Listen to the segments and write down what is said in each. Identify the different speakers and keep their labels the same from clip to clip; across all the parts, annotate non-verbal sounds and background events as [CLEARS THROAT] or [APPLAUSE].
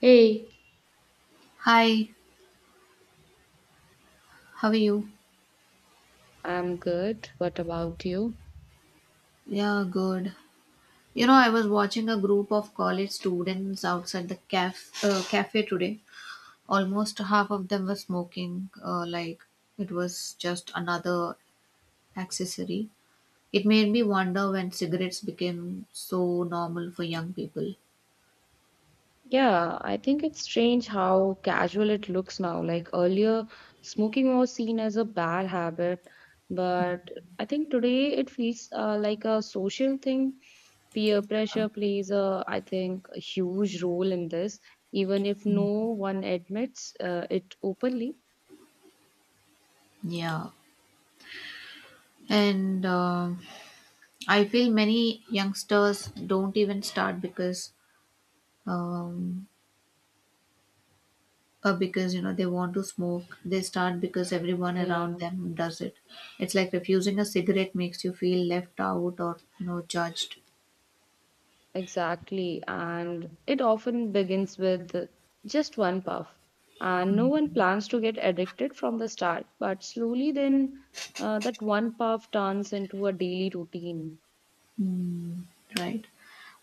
Speaker 1: Hey,
Speaker 2: Hi, how are you?
Speaker 1: I'm good. What about you?
Speaker 2: Yeah, good. You know, I was watching a group of college students outside the cafe today. Almost half of them were smoking, like it was just another accessory. It made me wonder when cigarettes became so normal for young people.
Speaker 1: Yeah, I think it's strange how casual it looks now. Like earlier, smoking was seen as a bad habit, but I think today it feels like a social thing. Peer pressure plays I think, a huge role in this, even if no one admits it openly.
Speaker 2: Yeah. And I feel many youngsters don't even start because um, because they want to smoke. They start because everyone around
Speaker 1: Yeah.
Speaker 2: them does it. It's like refusing a cigarette makes you feel left out or judged.
Speaker 1: Exactly, and it often begins with just one puff, and no one plans to get addicted from the start, but slowly then that one puff turns into a daily routine.
Speaker 2: Mm, right.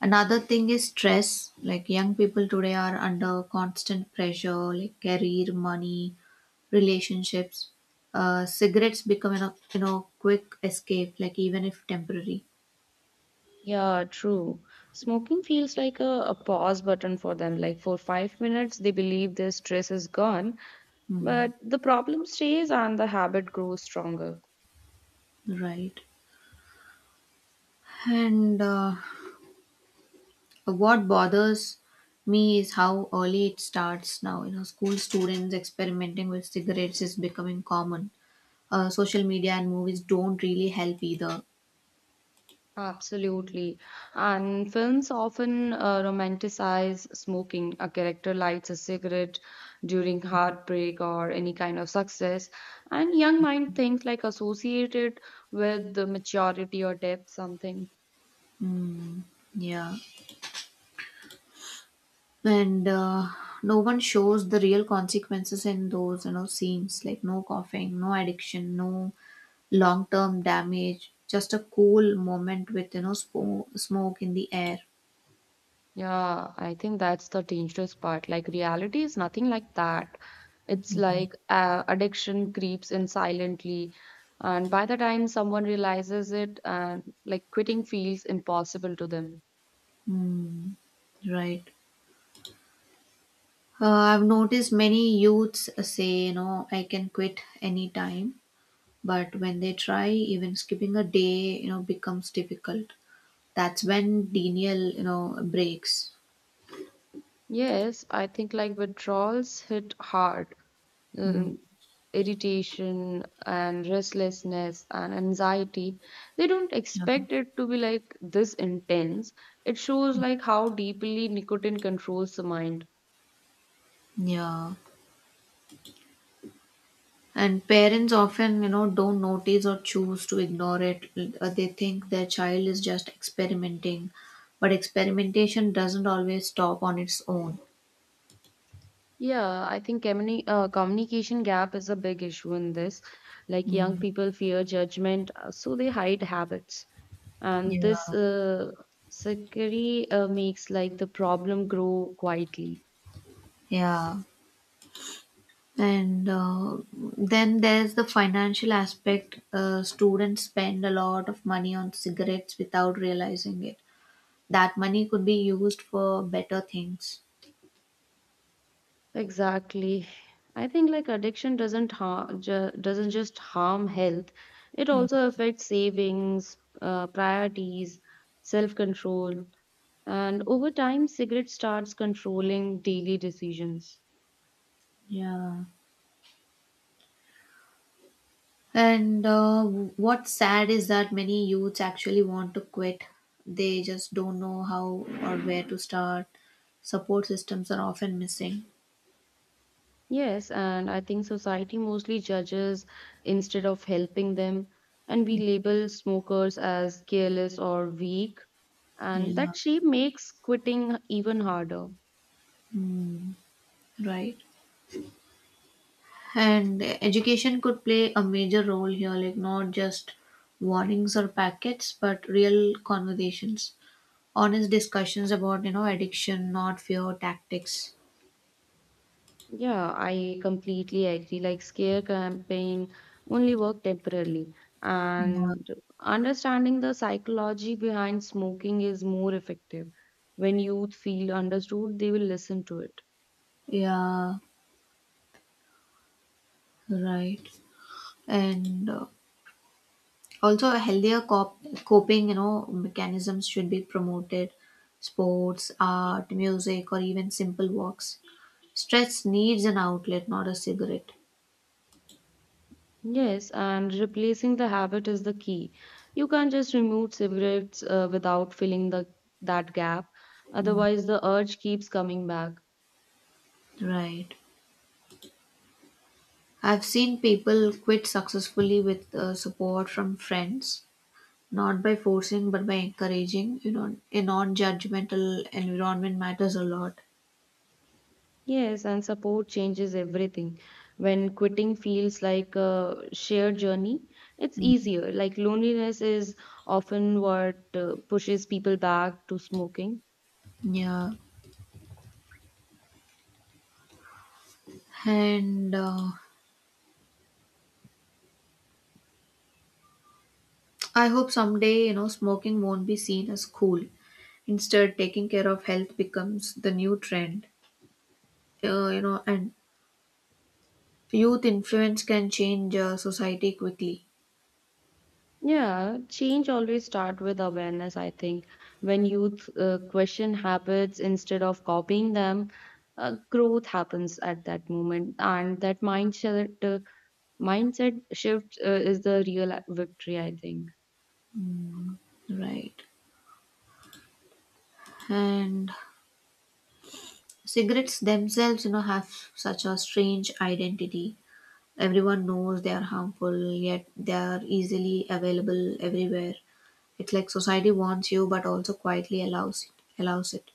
Speaker 2: Another thing is stress, like young people today are under constant pressure, like career, money, relationships. Cigarettes become a quick escape, like, even if temporary.
Speaker 1: Yeah, true. Smoking feels like a pause button for them. Like for 5 minutes, they believe their stress is gone, but
Speaker 2: Mm,
Speaker 1: the problem stays and the habit grows stronger.
Speaker 2: right. And what bothers me is how early it starts now. You know, school students experimenting with cigarettes is becoming common. Social media and movies don't really help either.
Speaker 1: Absolutely. And films often romanticize smoking. A character lights a cigarette during heartbreak or any kind of success. And young mind thinks like associated with the maturity or depth, something.
Speaker 2: Mm, yeah. And no one shows the real consequences in those scenes. Like, no coughing, no addiction, no long-term damage. Just a cool moment with smoke in the air.
Speaker 1: Yeah, I think that's the dangerous part. Like reality is nothing like that. It's like addiction creeps in silently. And by the time someone realizes it, and like quitting feels impossible to them.
Speaker 2: Mm, right. I've noticed many youths say, I can quit anytime, but when they try, even skipping a day, becomes difficult. That's when denial, breaks.
Speaker 1: Yes, I think like withdrawals hit hard.
Speaker 2: Mm,
Speaker 1: Um, Irritation and restlessness and anxiety. They don't
Speaker 2: yeah.
Speaker 1: expect it to be like this intense. It shows like how deeply nicotine controls the mind.
Speaker 2: Yeah. And parents often, don't notice or choose to ignore it. They think their child is just experimenting, but experimentation doesn't always stop on its own.
Speaker 1: Yeah, I think communication gap is a big issue in this. Like young
Speaker 2: Mm,
Speaker 1: people fear judgment, so they hide habits. And this
Speaker 2: yeah.
Speaker 1: uh, security makes like the problem grow quietly.
Speaker 2: Yeah. And then there's the financial aspect. Students spend a lot of money on cigarettes without realizing it. That money could be used for better things.
Speaker 1: Exactly. I think like addiction doesn't just harm health. It also affects savings, priorities, self-control, and over time, cigarette starts controlling daily decisions.
Speaker 2: Yeah. And what's sad is that many youths actually want to quit. They just don't know how or where to start. Support systems are often missing.
Speaker 1: Yes, and I think society mostly judges instead of helping them, and we label smokers as careless or weak, and
Speaker 2: Yeah.
Speaker 1: that shape makes quitting even harder.
Speaker 2: Right. And education could play a major role here, like, not just warnings or packets, but real conversations, honest discussions about, addiction, not fear tactics.
Speaker 1: Yeah, I completely agree. Like scare campaign only work temporarily,
Speaker 2: Yeah,
Speaker 1: and understanding the psychology behind smoking is more effective. When youth feel understood, they will listen to it.
Speaker 2: yeah, right. And also, a healthier coping, mechanisms should be promoted. Sports, art, music, or even simple walks. Stress needs an outlet, not a cigarette.
Speaker 1: Yes, and replacing the habit is the key. You can't just remove cigarettes without filling the that gap. Otherwise, the urge keeps coming back.
Speaker 2: Right. I've seen people quit successfully with support from friends, not by forcing but by encouraging. A non judgmental environment matters a lot.
Speaker 1: Yes, and support changes everything. When quitting feels like a shared journey, it's easier. Like loneliness is often what pushes people back to smoking.
Speaker 2: Yeah. And I hope someday, smoking won't be seen as cool. Instead, taking care of health becomes the new trend. And youth influence can change society quickly.
Speaker 1: Yeah, change always start with awareness, I think. When youth question habits instead of copying them, growth happens at that moment, and that mindset shift is the real victory, I think.
Speaker 2: Right. And cigarettes themselves, have such a strange identity. Everyone knows they are harmful, yet they are easily available everywhere. It's like society wants you, but also quietly allows it. Allows it,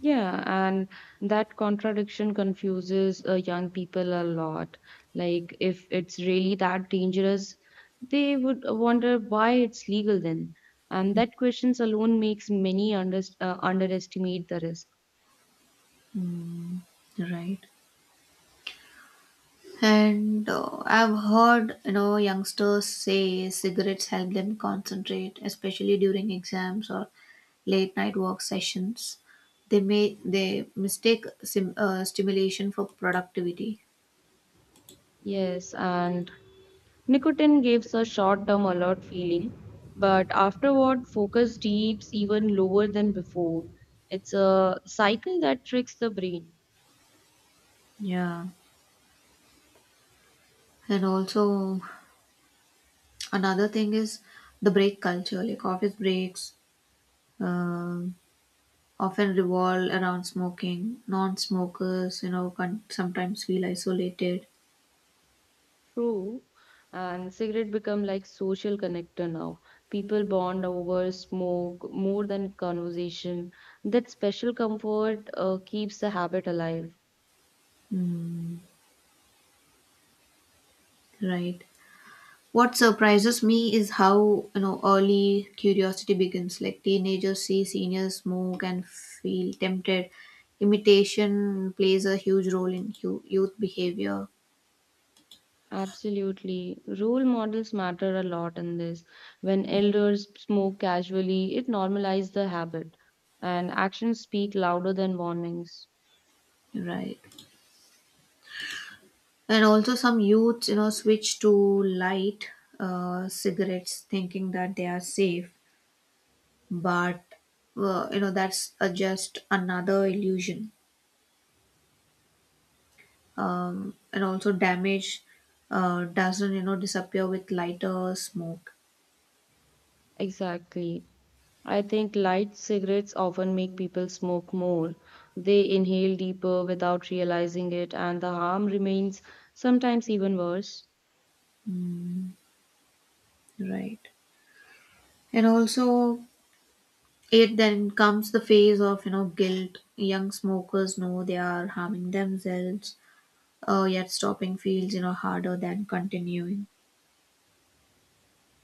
Speaker 1: Yeah, and that contradiction confuses young people a lot. Like, if it's really that dangerous, they would wonder why it's legal then. And that questions alone makes many underestimate the risk.
Speaker 2: right? And I've heard youngsters say cigarettes help them concentrate, especially during exams or late night work sessions. They mistake stimulation for productivity.
Speaker 1: Yes, and nicotine gives a short-term alert feeling, but afterward, focus deeps even lower than before. It's a cycle that tricks the brain.
Speaker 2: Yeah. And also, another thing is the break culture, like office breaks, um, often revolve around smoking. Non smokers, can sometimes feel isolated.
Speaker 1: True. And cigarette become like social connector now. People bond over smoke more than conversation. That special comfort keeps the habit alive.
Speaker 2: Mm, right. What surprises me is how, early curiosity begins. Like, teenagers see seniors smoke and feel tempted. Imitation plays a huge role in youth behavior.
Speaker 1: Absolutely. Role models matter a lot in this. When elders smoke casually, it normalizes the habit, and actions speak louder than warnings.
Speaker 2: Right. And also, some youths, switch to light cigarettes thinking that they are safe, but that's just another illusion. And also, damage doesn't disappear with lighter smoke.
Speaker 1: Exactly. I think light cigarettes often make people smoke more. They inhale deeper without realizing it, and the harm remains sometimes even worse.
Speaker 2: Right. And also, it then comes the phase of guilt. Young smokers know they are harming themselves, yet stopping feels harder than continuing.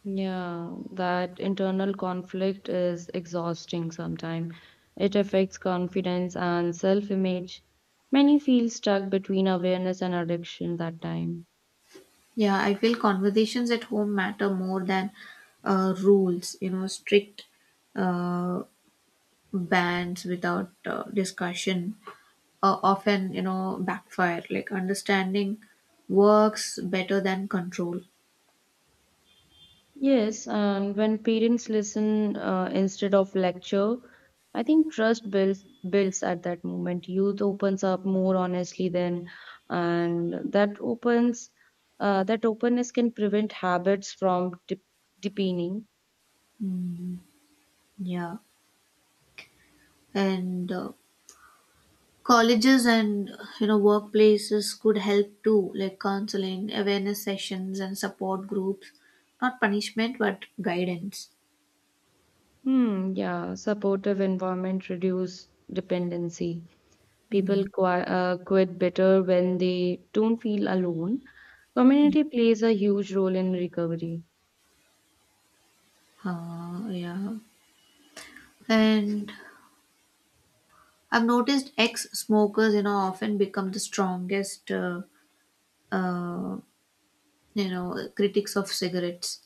Speaker 1: Yeah, that internal conflict is exhausting sometimes. It affects confidence and self image. Many feel stuck between awareness and addiction that time.
Speaker 2: Yeah, I feel conversations at home matter more than rules. Strict uh, bans without discussion often backfire. Like, understanding works better than control.
Speaker 1: Yes, and when parents listen instead of lecture, I think trust builds at that moment. Youth opens up more honestly then, and that openness can prevent habits from de deepening.
Speaker 2: Yeah. And colleges and workplaces could help too, like counseling, awareness sessions and support groups, not punishment but guidance.
Speaker 1: Hmm, yeah, supportive environment reduce dependency. People quit better when they don't feel alone. Community plays a huge role in recovery.
Speaker 2: Yeah. And I've noticed ex-smokers often become the strongest, uh, critics of cigarettes.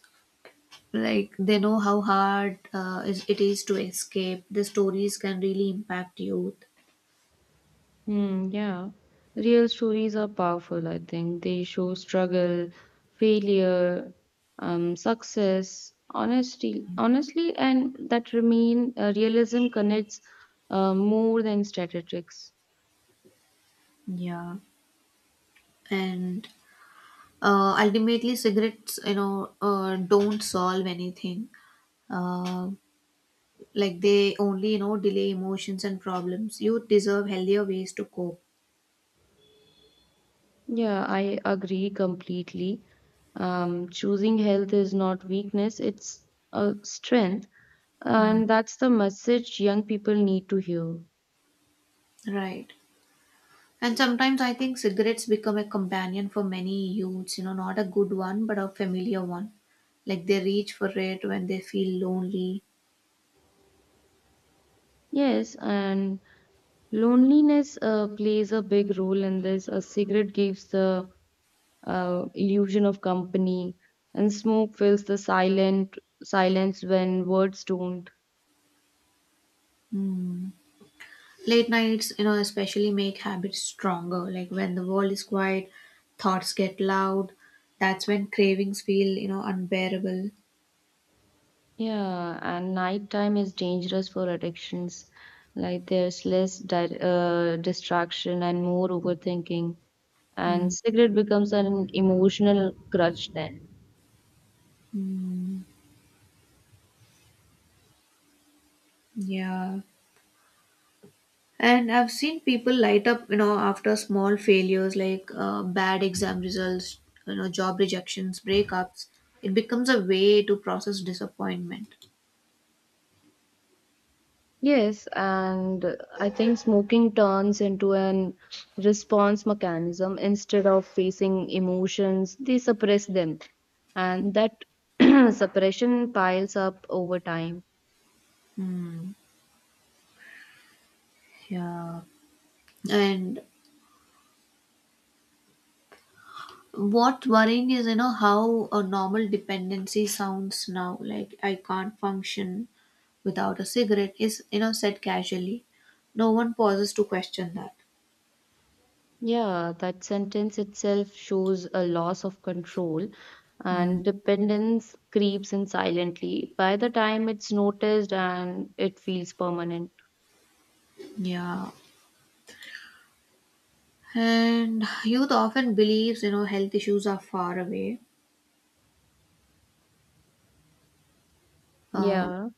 Speaker 2: Like, they know how hard it is to escape. The stories can really impact youth.
Speaker 1: Hmm, yeah. Real stories are powerful, I think. They show struggle, failure, success, honesty, honestly, and that remain realism connects more than statistics.
Speaker 2: Yeah. And ultimately cigarettes don't solve anything. Uh, like they only delay emotions and problems. Youth deserve healthier ways to cope.
Speaker 1: Yeah, I agree completely. Choosing health is not weakness, it's a strength,
Speaker 2: Mm.
Speaker 1: and that's the message young people need to hear.
Speaker 2: Right. And sometimes I think cigarettes become a companion for many youths, not a good one but a familiar one. Like, they reach for it when they feel lonely.
Speaker 1: Yes, and loneliness plays a big role in this. A cigarette gives the illusion of company, and smoke fills the silent silence when words don't.
Speaker 2: Mm. Late nights, especially make habits stronger. Like when the world is quiet, thoughts get loud. That's when cravings feel, unbearable.
Speaker 1: Yeah, and nighttime is dangerous for addictions. Like there's less distraction and more overthinking, and
Speaker 2: Mm,
Speaker 1: cigarette becomes an emotional crutch then.
Speaker 2: yeah. And I've seen people light up, after small failures like bad exam results, job rejections, breakups. It becomes a way to process disappointment.
Speaker 1: Yes, and I think smoking turns into an response mechanism. Instead of facing emotions, they suppress them. And that [CLEARS THROAT] suppression piles up over time.
Speaker 2: Mm, yeah. And what's worrying is how a normal dependency sounds now. Like, "I can't function without a cigarette" is said casually. No one pauses to question that.
Speaker 1: Yeah, that sentence itself shows a loss of control,
Speaker 2: Mm,
Speaker 1: and dependence creeps in silently. By the time it's noticed and it feels permanent.
Speaker 2: yeah. And youth often believes health issues are far away, uh,
Speaker 1: Yeah.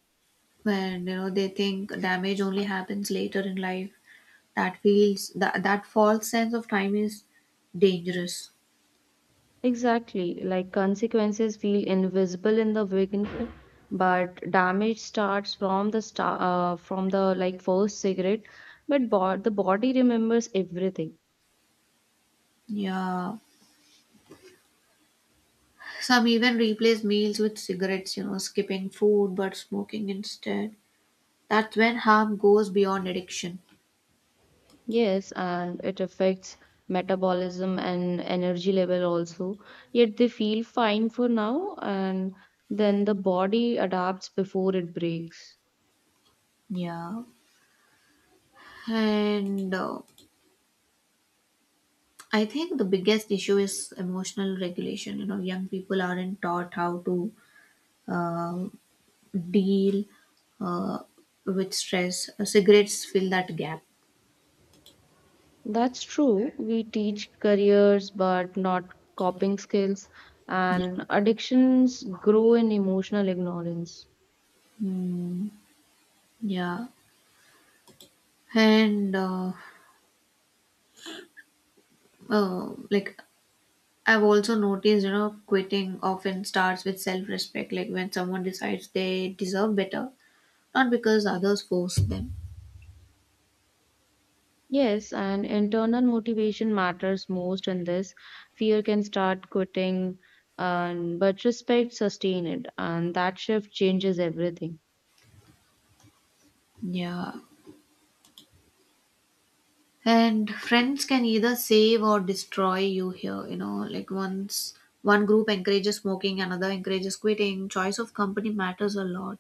Speaker 2: and they think damage only happens later in life. That false sense of time is dangerous.
Speaker 1: Exactly, like consequences feel invisible in the beginning, but damage starts from the like first cigarette. But bod the body remembers everything.
Speaker 2: Yeah. Some even replace meals with cigarettes, skipping food but smoking instead. That's when harm goes beyond addiction.
Speaker 1: Yes, and it affects metabolism and energy level also. Yet they feel fine for now, and then the body adapts before it breaks.
Speaker 2: Yeah. And I think the biggest issue is emotional regulation. Young people aren't taught how to deal uh, with stress. Cigarettes fill that gap.
Speaker 1: That's true. We teach careers but not coping skills, and addictions grow in emotional ignorance.
Speaker 2: Mm, yeah. And like I've also noticed, quitting often starts with self respect, like when someone decides they deserve better, not because others force them.
Speaker 1: Yes, and internal motivation matters most in this. Fear can start quitting, and but respect sustain it, and that shift changes everything.
Speaker 2: Yeah. And friends can either save or destroy you here, like once one group encourages smoking, another encourages quitting. Choice of company matters a lot.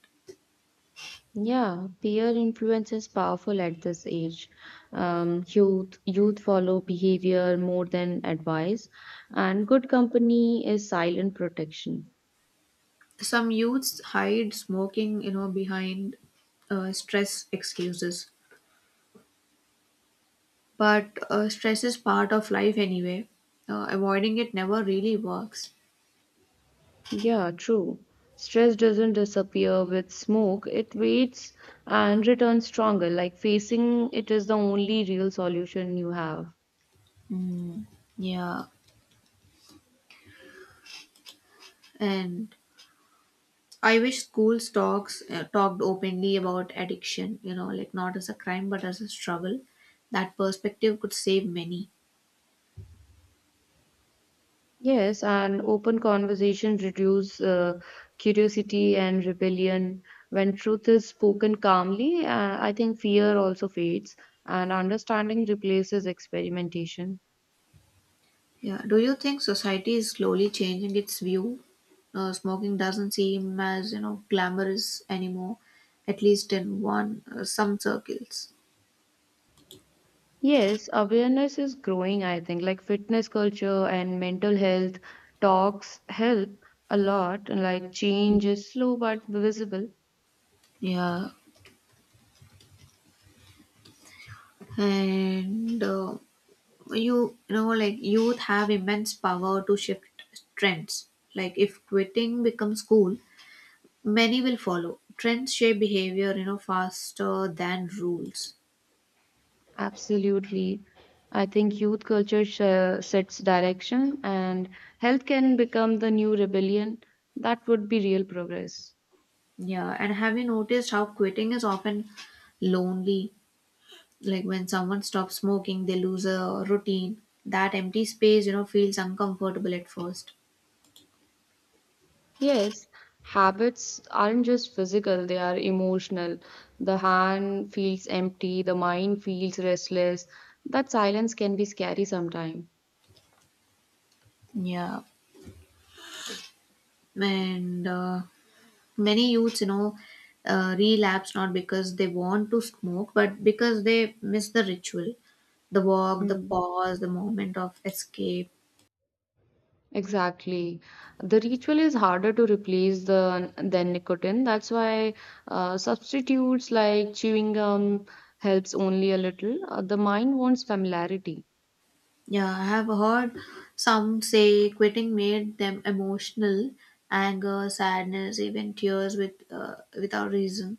Speaker 1: Yeah, peer influence is powerful at this age. Youth follow behavior more than advice, and good company is silent protection.
Speaker 2: Some youths hide smoking, behind stress excuses. But stress is part of life anyway. Avoiding it never really works.
Speaker 1: Yeah, true. Stress doesn't disappear with smoke, it waits and returns stronger. Like facing it is the only real solution you have.
Speaker 2: Yeah, and I wish schools talks talked openly about addiction. Like not as a crime but as a struggle. That perspective could save many.
Speaker 1: Yes, and open conversation reduce curiosity and rebellion. When truth is spoken calmly, I think fear also fades, and understanding replaces experimentation.
Speaker 2: Yeah. Do you think society is slowly changing its view? Smoking doesn't seem as glamorous anymore, at least in one some circles.
Speaker 1: Yes, awareness is growing, I think. Like fitness culture and mental health talks help a lot. Like change is slow but visible.
Speaker 2: Yeah, and like youth have immense power to shift trends. Like, if quitting becomes cool, many will follow. Trends shape behavior, faster than rules.
Speaker 1: Absolutely. I think youth culture sets direction, and health can become the new rebellion. That would be real progress.
Speaker 2: Yeah. And have you noticed how quitting is often lonely? Like, when someone stops smoking, they lose a routine. That empty space, feels uncomfortable at first.
Speaker 1: Yes, habits aren't just physical, they are emotional. The hand feels empty, the mind feels restless. That silence can be scary sometimes.
Speaker 2: Yeah. And many youths, relapse not because they want to smoke, but because they miss the ritual, the walk, the
Speaker 1: Mm,
Speaker 2: pause, the moment of escape.
Speaker 1: exactly. The ritual is harder to replace the than nicotine. That's why substitutes like chewing gum helps only a little. The mind wants familiarity.
Speaker 2: Yeah, I have heard some say quitting made them emotional, anger, sadness, even tears without reason.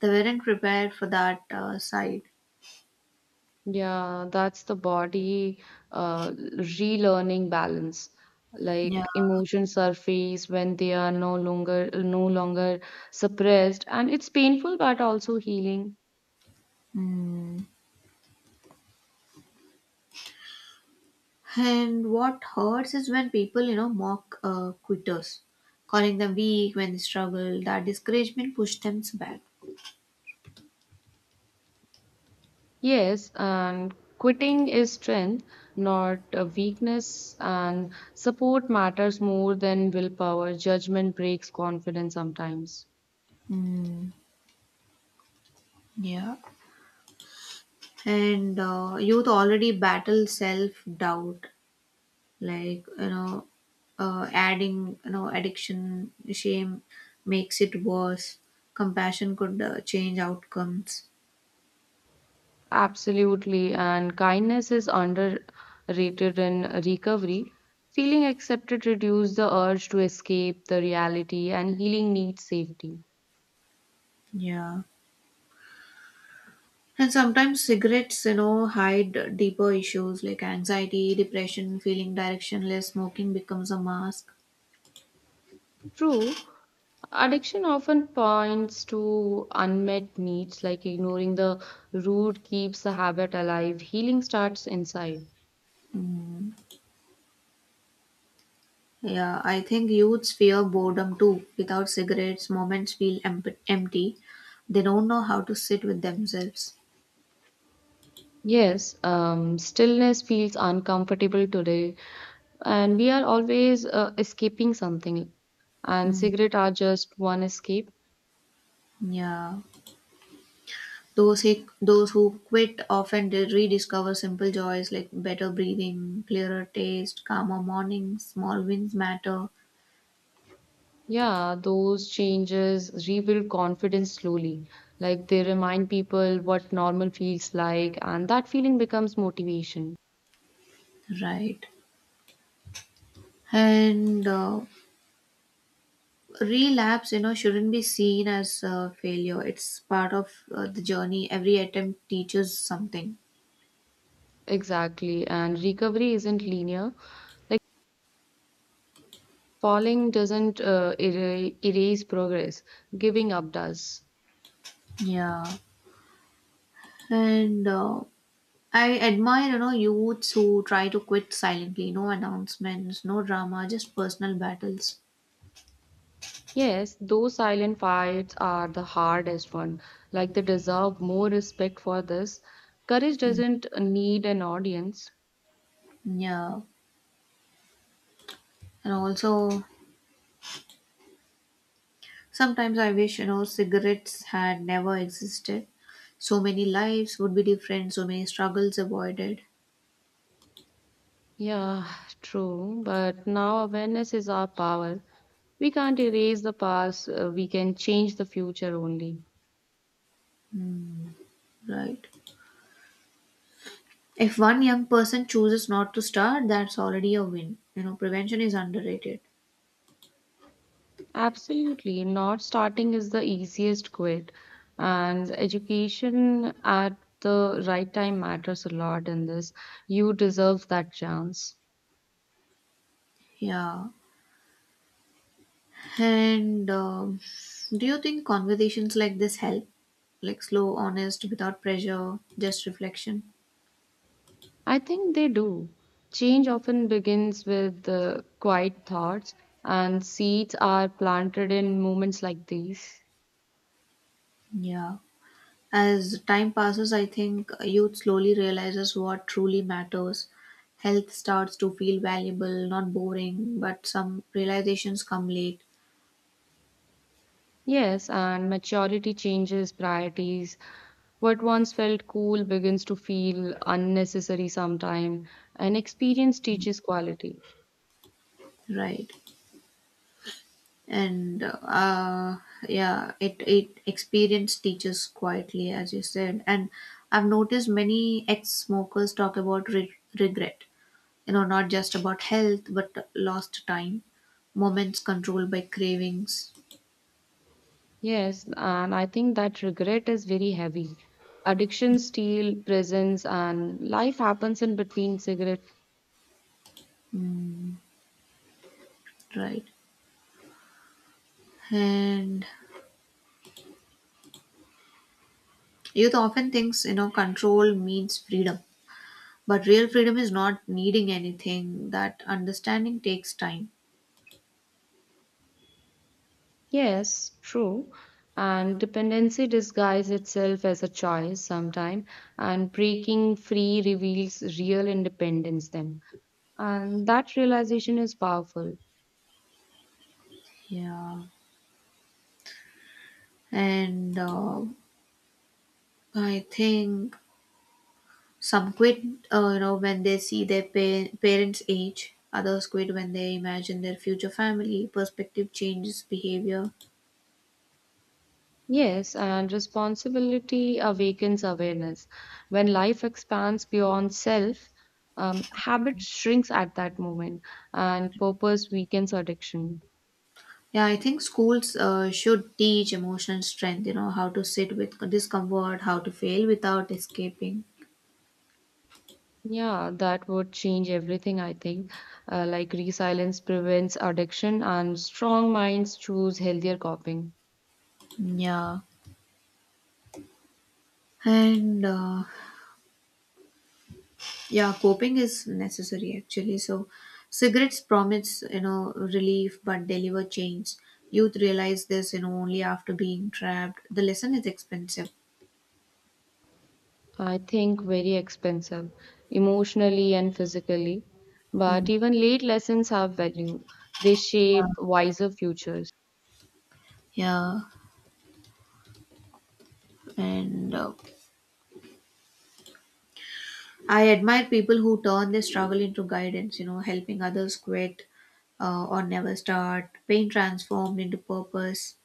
Speaker 2: They weren't prepared for that side.
Speaker 1: Yeah, that's the body relearning balance.
Speaker 2: Yeah.
Speaker 1: Like emotions surface when they are no longer suppressed, and it's painful but also healing.
Speaker 2: Mm. And what hurts is when people, mock quitters, calling them weak when they struggle. That discouragement pushed them back.
Speaker 1: Yes, and quitting is strength, not a weakness, and support matters more than willpower. Judgment breaks confidence sometimes.
Speaker 2: Mm. Yeah. And youth already battle self doubt, like adding addiction shame makes it worse. Compassion could change outcomes.
Speaker 1: Absolutely, and kindness is underrated in recovery. Feeling accepted reduces the urge to escape the reality, and healing needs safety.
Speaker 2: Yeah. And sometimes cigarettes hide deeper issues, like anxiety, depression, feeling directionless. Smoking becomes a mask.
Speaker 1: True, addiction often points to unmet needs, like ignoring the root keeps the habit alive. Healing starts inside.
Speaker 2: Yeah, I think youths fear boredom too. Without cigarettes, moments feel empty. They don't know how to sit with themselves.
Speaker 1: Yes, stillness feels uncomfortable today, and we are always escaping something, and
Speaker 2: Mm,
Speaker 1: cigarette are just one escape.
Speaker 2: yeah. Those who quit often rediscover simple joys, like better breathing, clearer taste, calmer mornings. Small wins matter,
Speaker 1: Yeah, those changes rebuild confidence slowly. Like they remind people what normal feels like, and that feeling becomes motivation.
Speaker 2: right? And relapse, shouldn't be seen as a failure. It's part of the journey. Every attempt teaches something.
Speaker 1: Exactly, and recovery isn't linear. Like falling doesn't erase progress, giving up does.
Speaker 2: Yeah. And I admire, youths who try to quit silently. No announcements, no drama, just personal battles.
Speaker 1: Yes, those silent fights are the hardest one. Like they deserve more respect for this. Courage doesn't need an audience.
Speaker 2: Yeah. And also, sometimes I wish, cigarettes had never existed. So many lives would be different, so many struggles avoided,
Speaker 1: Yeah, true, but now awareness is our power. We can't erase the past, we can change the future only.
Speaker 2: right? If one young person chooses not to start, that's already a win. Prevention is underrated.
Speaker 1: Absolutely. Not starting is the easiest quit. And education at the right time matters a lot in this. You deserve that chance.
Speaker 2: Yeah. And do you think conversations like this help? Like, slow, honest, without pressure, just reflection?
Speaker 1: I think they do. Change often begins with the quiet thoughts, and seeds are planted in moments like these.
Speaker 2: Yeah. As time passes, I think youth slowly realizes what truly matters. Health starts to feel valuable, not boring, but some realizations come late,
Speaker 1: Yes, and maturity changes priorities. What once felt cool begins to feel unnecessary sometime, and experience teaches quality.
Speaker 2: right? And yeah, it experience teaches quietly, as you said. And I've noticed many ex-smokers talk about regret. Not just about health, but lost time, moments controlled by cravings.
Speaker 1: Yes, and I think that regret is very heavy. Addiction, steal, prisons, and life happens in between cigarette.
Speaker 2: Mm, right? And youth often thinks, control means freedom. But real freedom is not needing anything. That understanding takes time.
Speaker 1: Yes, true. And dependency disguises itself as a choice sometime, and breaking free reveals real independence then. And that realization is powerful.
Speaker 2: Yeah. And I think some quit, when they see their parents' age. Others quit when they imagine their future family. Perspective changes behavior.
Speaker 1: Yes, and responsibility awakens awareness. When life expands beyond self, habit shrinks at that moment, and purpose weakens addiction.
Speaker 2: Yeah, I think schools should teach emotional strength, how to sit with discomfort, how to fail without escaping.
Speaker 1: Yeah, that would change everything, I think. Like resilience prevents addiction, and strong minds choose healthier coping.
Speaker 2: Yeah. And yeah, coping is necessary actually, so cigarettes promise relief but deliver change. Youth realize this only after being trapped. The lesson is expensive.
Speaker 1: I think very expensive, emotionally and physically. But
Speaker 2: Mm.
Speaker 1: even late lessons have value. They shape wiser futures.
Speaker 2: Yeah. And I admire people who turn their struggle into guidance, helping others quit or never start. Pain transformed into purpose.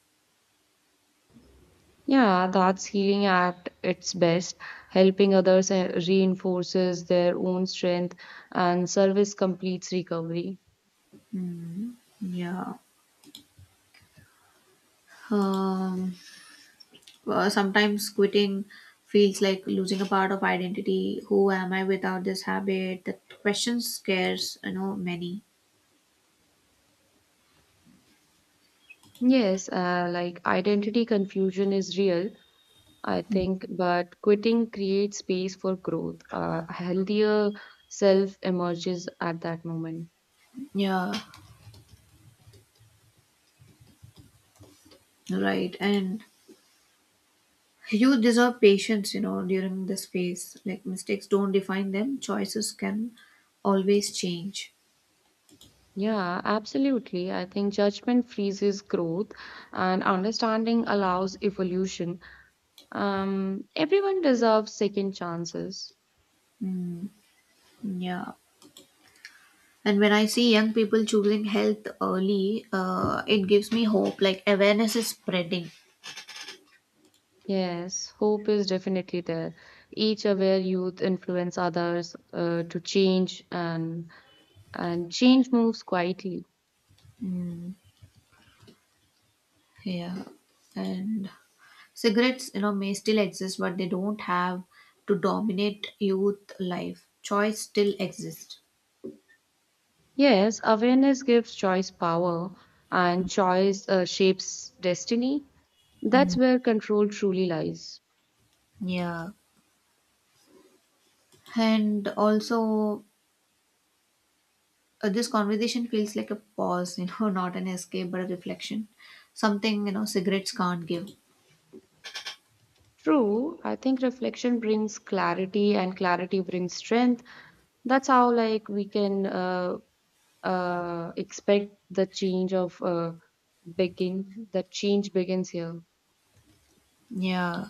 Speaker 1: Yeah, that's healing at its best. Helping others reinforces their own strength, and service completes recovery.
Speaker 2: Mm. Yeah. Um Uh, sometimes quitting feels like losing a part of identity. Who am I without this habit? That question scares, many.
Speaker 1: Yes, like identity confusion is real, I think, but quitting creates space for growth. A healthier self emerges at that moment.
Speaker 2: Yeah, right. And you deserve patience, during this phase. Like, mistakes don't define them, choices can always change.
Speaker 1: Yeah, absolutely. I think judgment freezes growth, and understanding allows evolution. Everyone deserves second chances.
Speaker 2: Mm, yeah. And when I see young people choosing health early, it gives me hope. Like, awareness is spreading.
Speaker 1: Yes, hope is definitely there. Each aware youth influence others to change and change moves quietly.
Speaker 2: Yeah. And cigarettes, may still exist, but they don't have to dominate youth life. Choice still exists.
Speaker 1: Yes, awareness gives choice power and choice shapes destiny. That's
Speaker 2: Mm,
Speaker 1: where control truly lies.
Speaker 2: yeah. And also, this conversation feels like a pause, [LAUGHS] not an escape, but a reflection. Something, cigarettes can't give.
Speaker 1: True, I think reflection brings clarity and clarity brings strength. That's how like we can expect the change of begin, the change begins here.
Speaker 2: Yeah.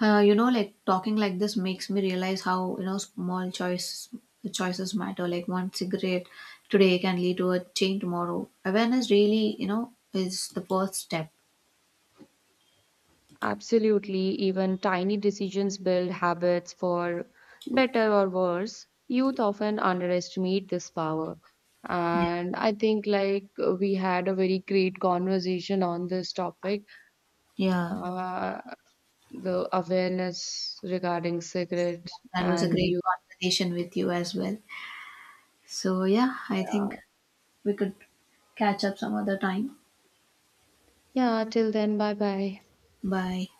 Speaker 2: Like talking like this makes me realize how, small choices matter. Like, one cigarette today can lead to a change tomorrow. Awareness really, is the first step.
Speaker 1: Absolutely, even tiny decisions build habits for better or worse. Youth often underestimate this power. And I think, like, we had a very great conversation on this topic,
Speaker 2: Yeah.
Speaker 1: uh, the awareness regarding cigarette
Speaker 2: Yeah, that was a
Speaker 1: and
Speaker 2: great
Speaker 1: youth.
Speaker 2: conversation with you as well. So, yeah, I think we could catch up some other time.
Speaker 1: Yeah, till then, bye bye.
Speaker 2: Bye.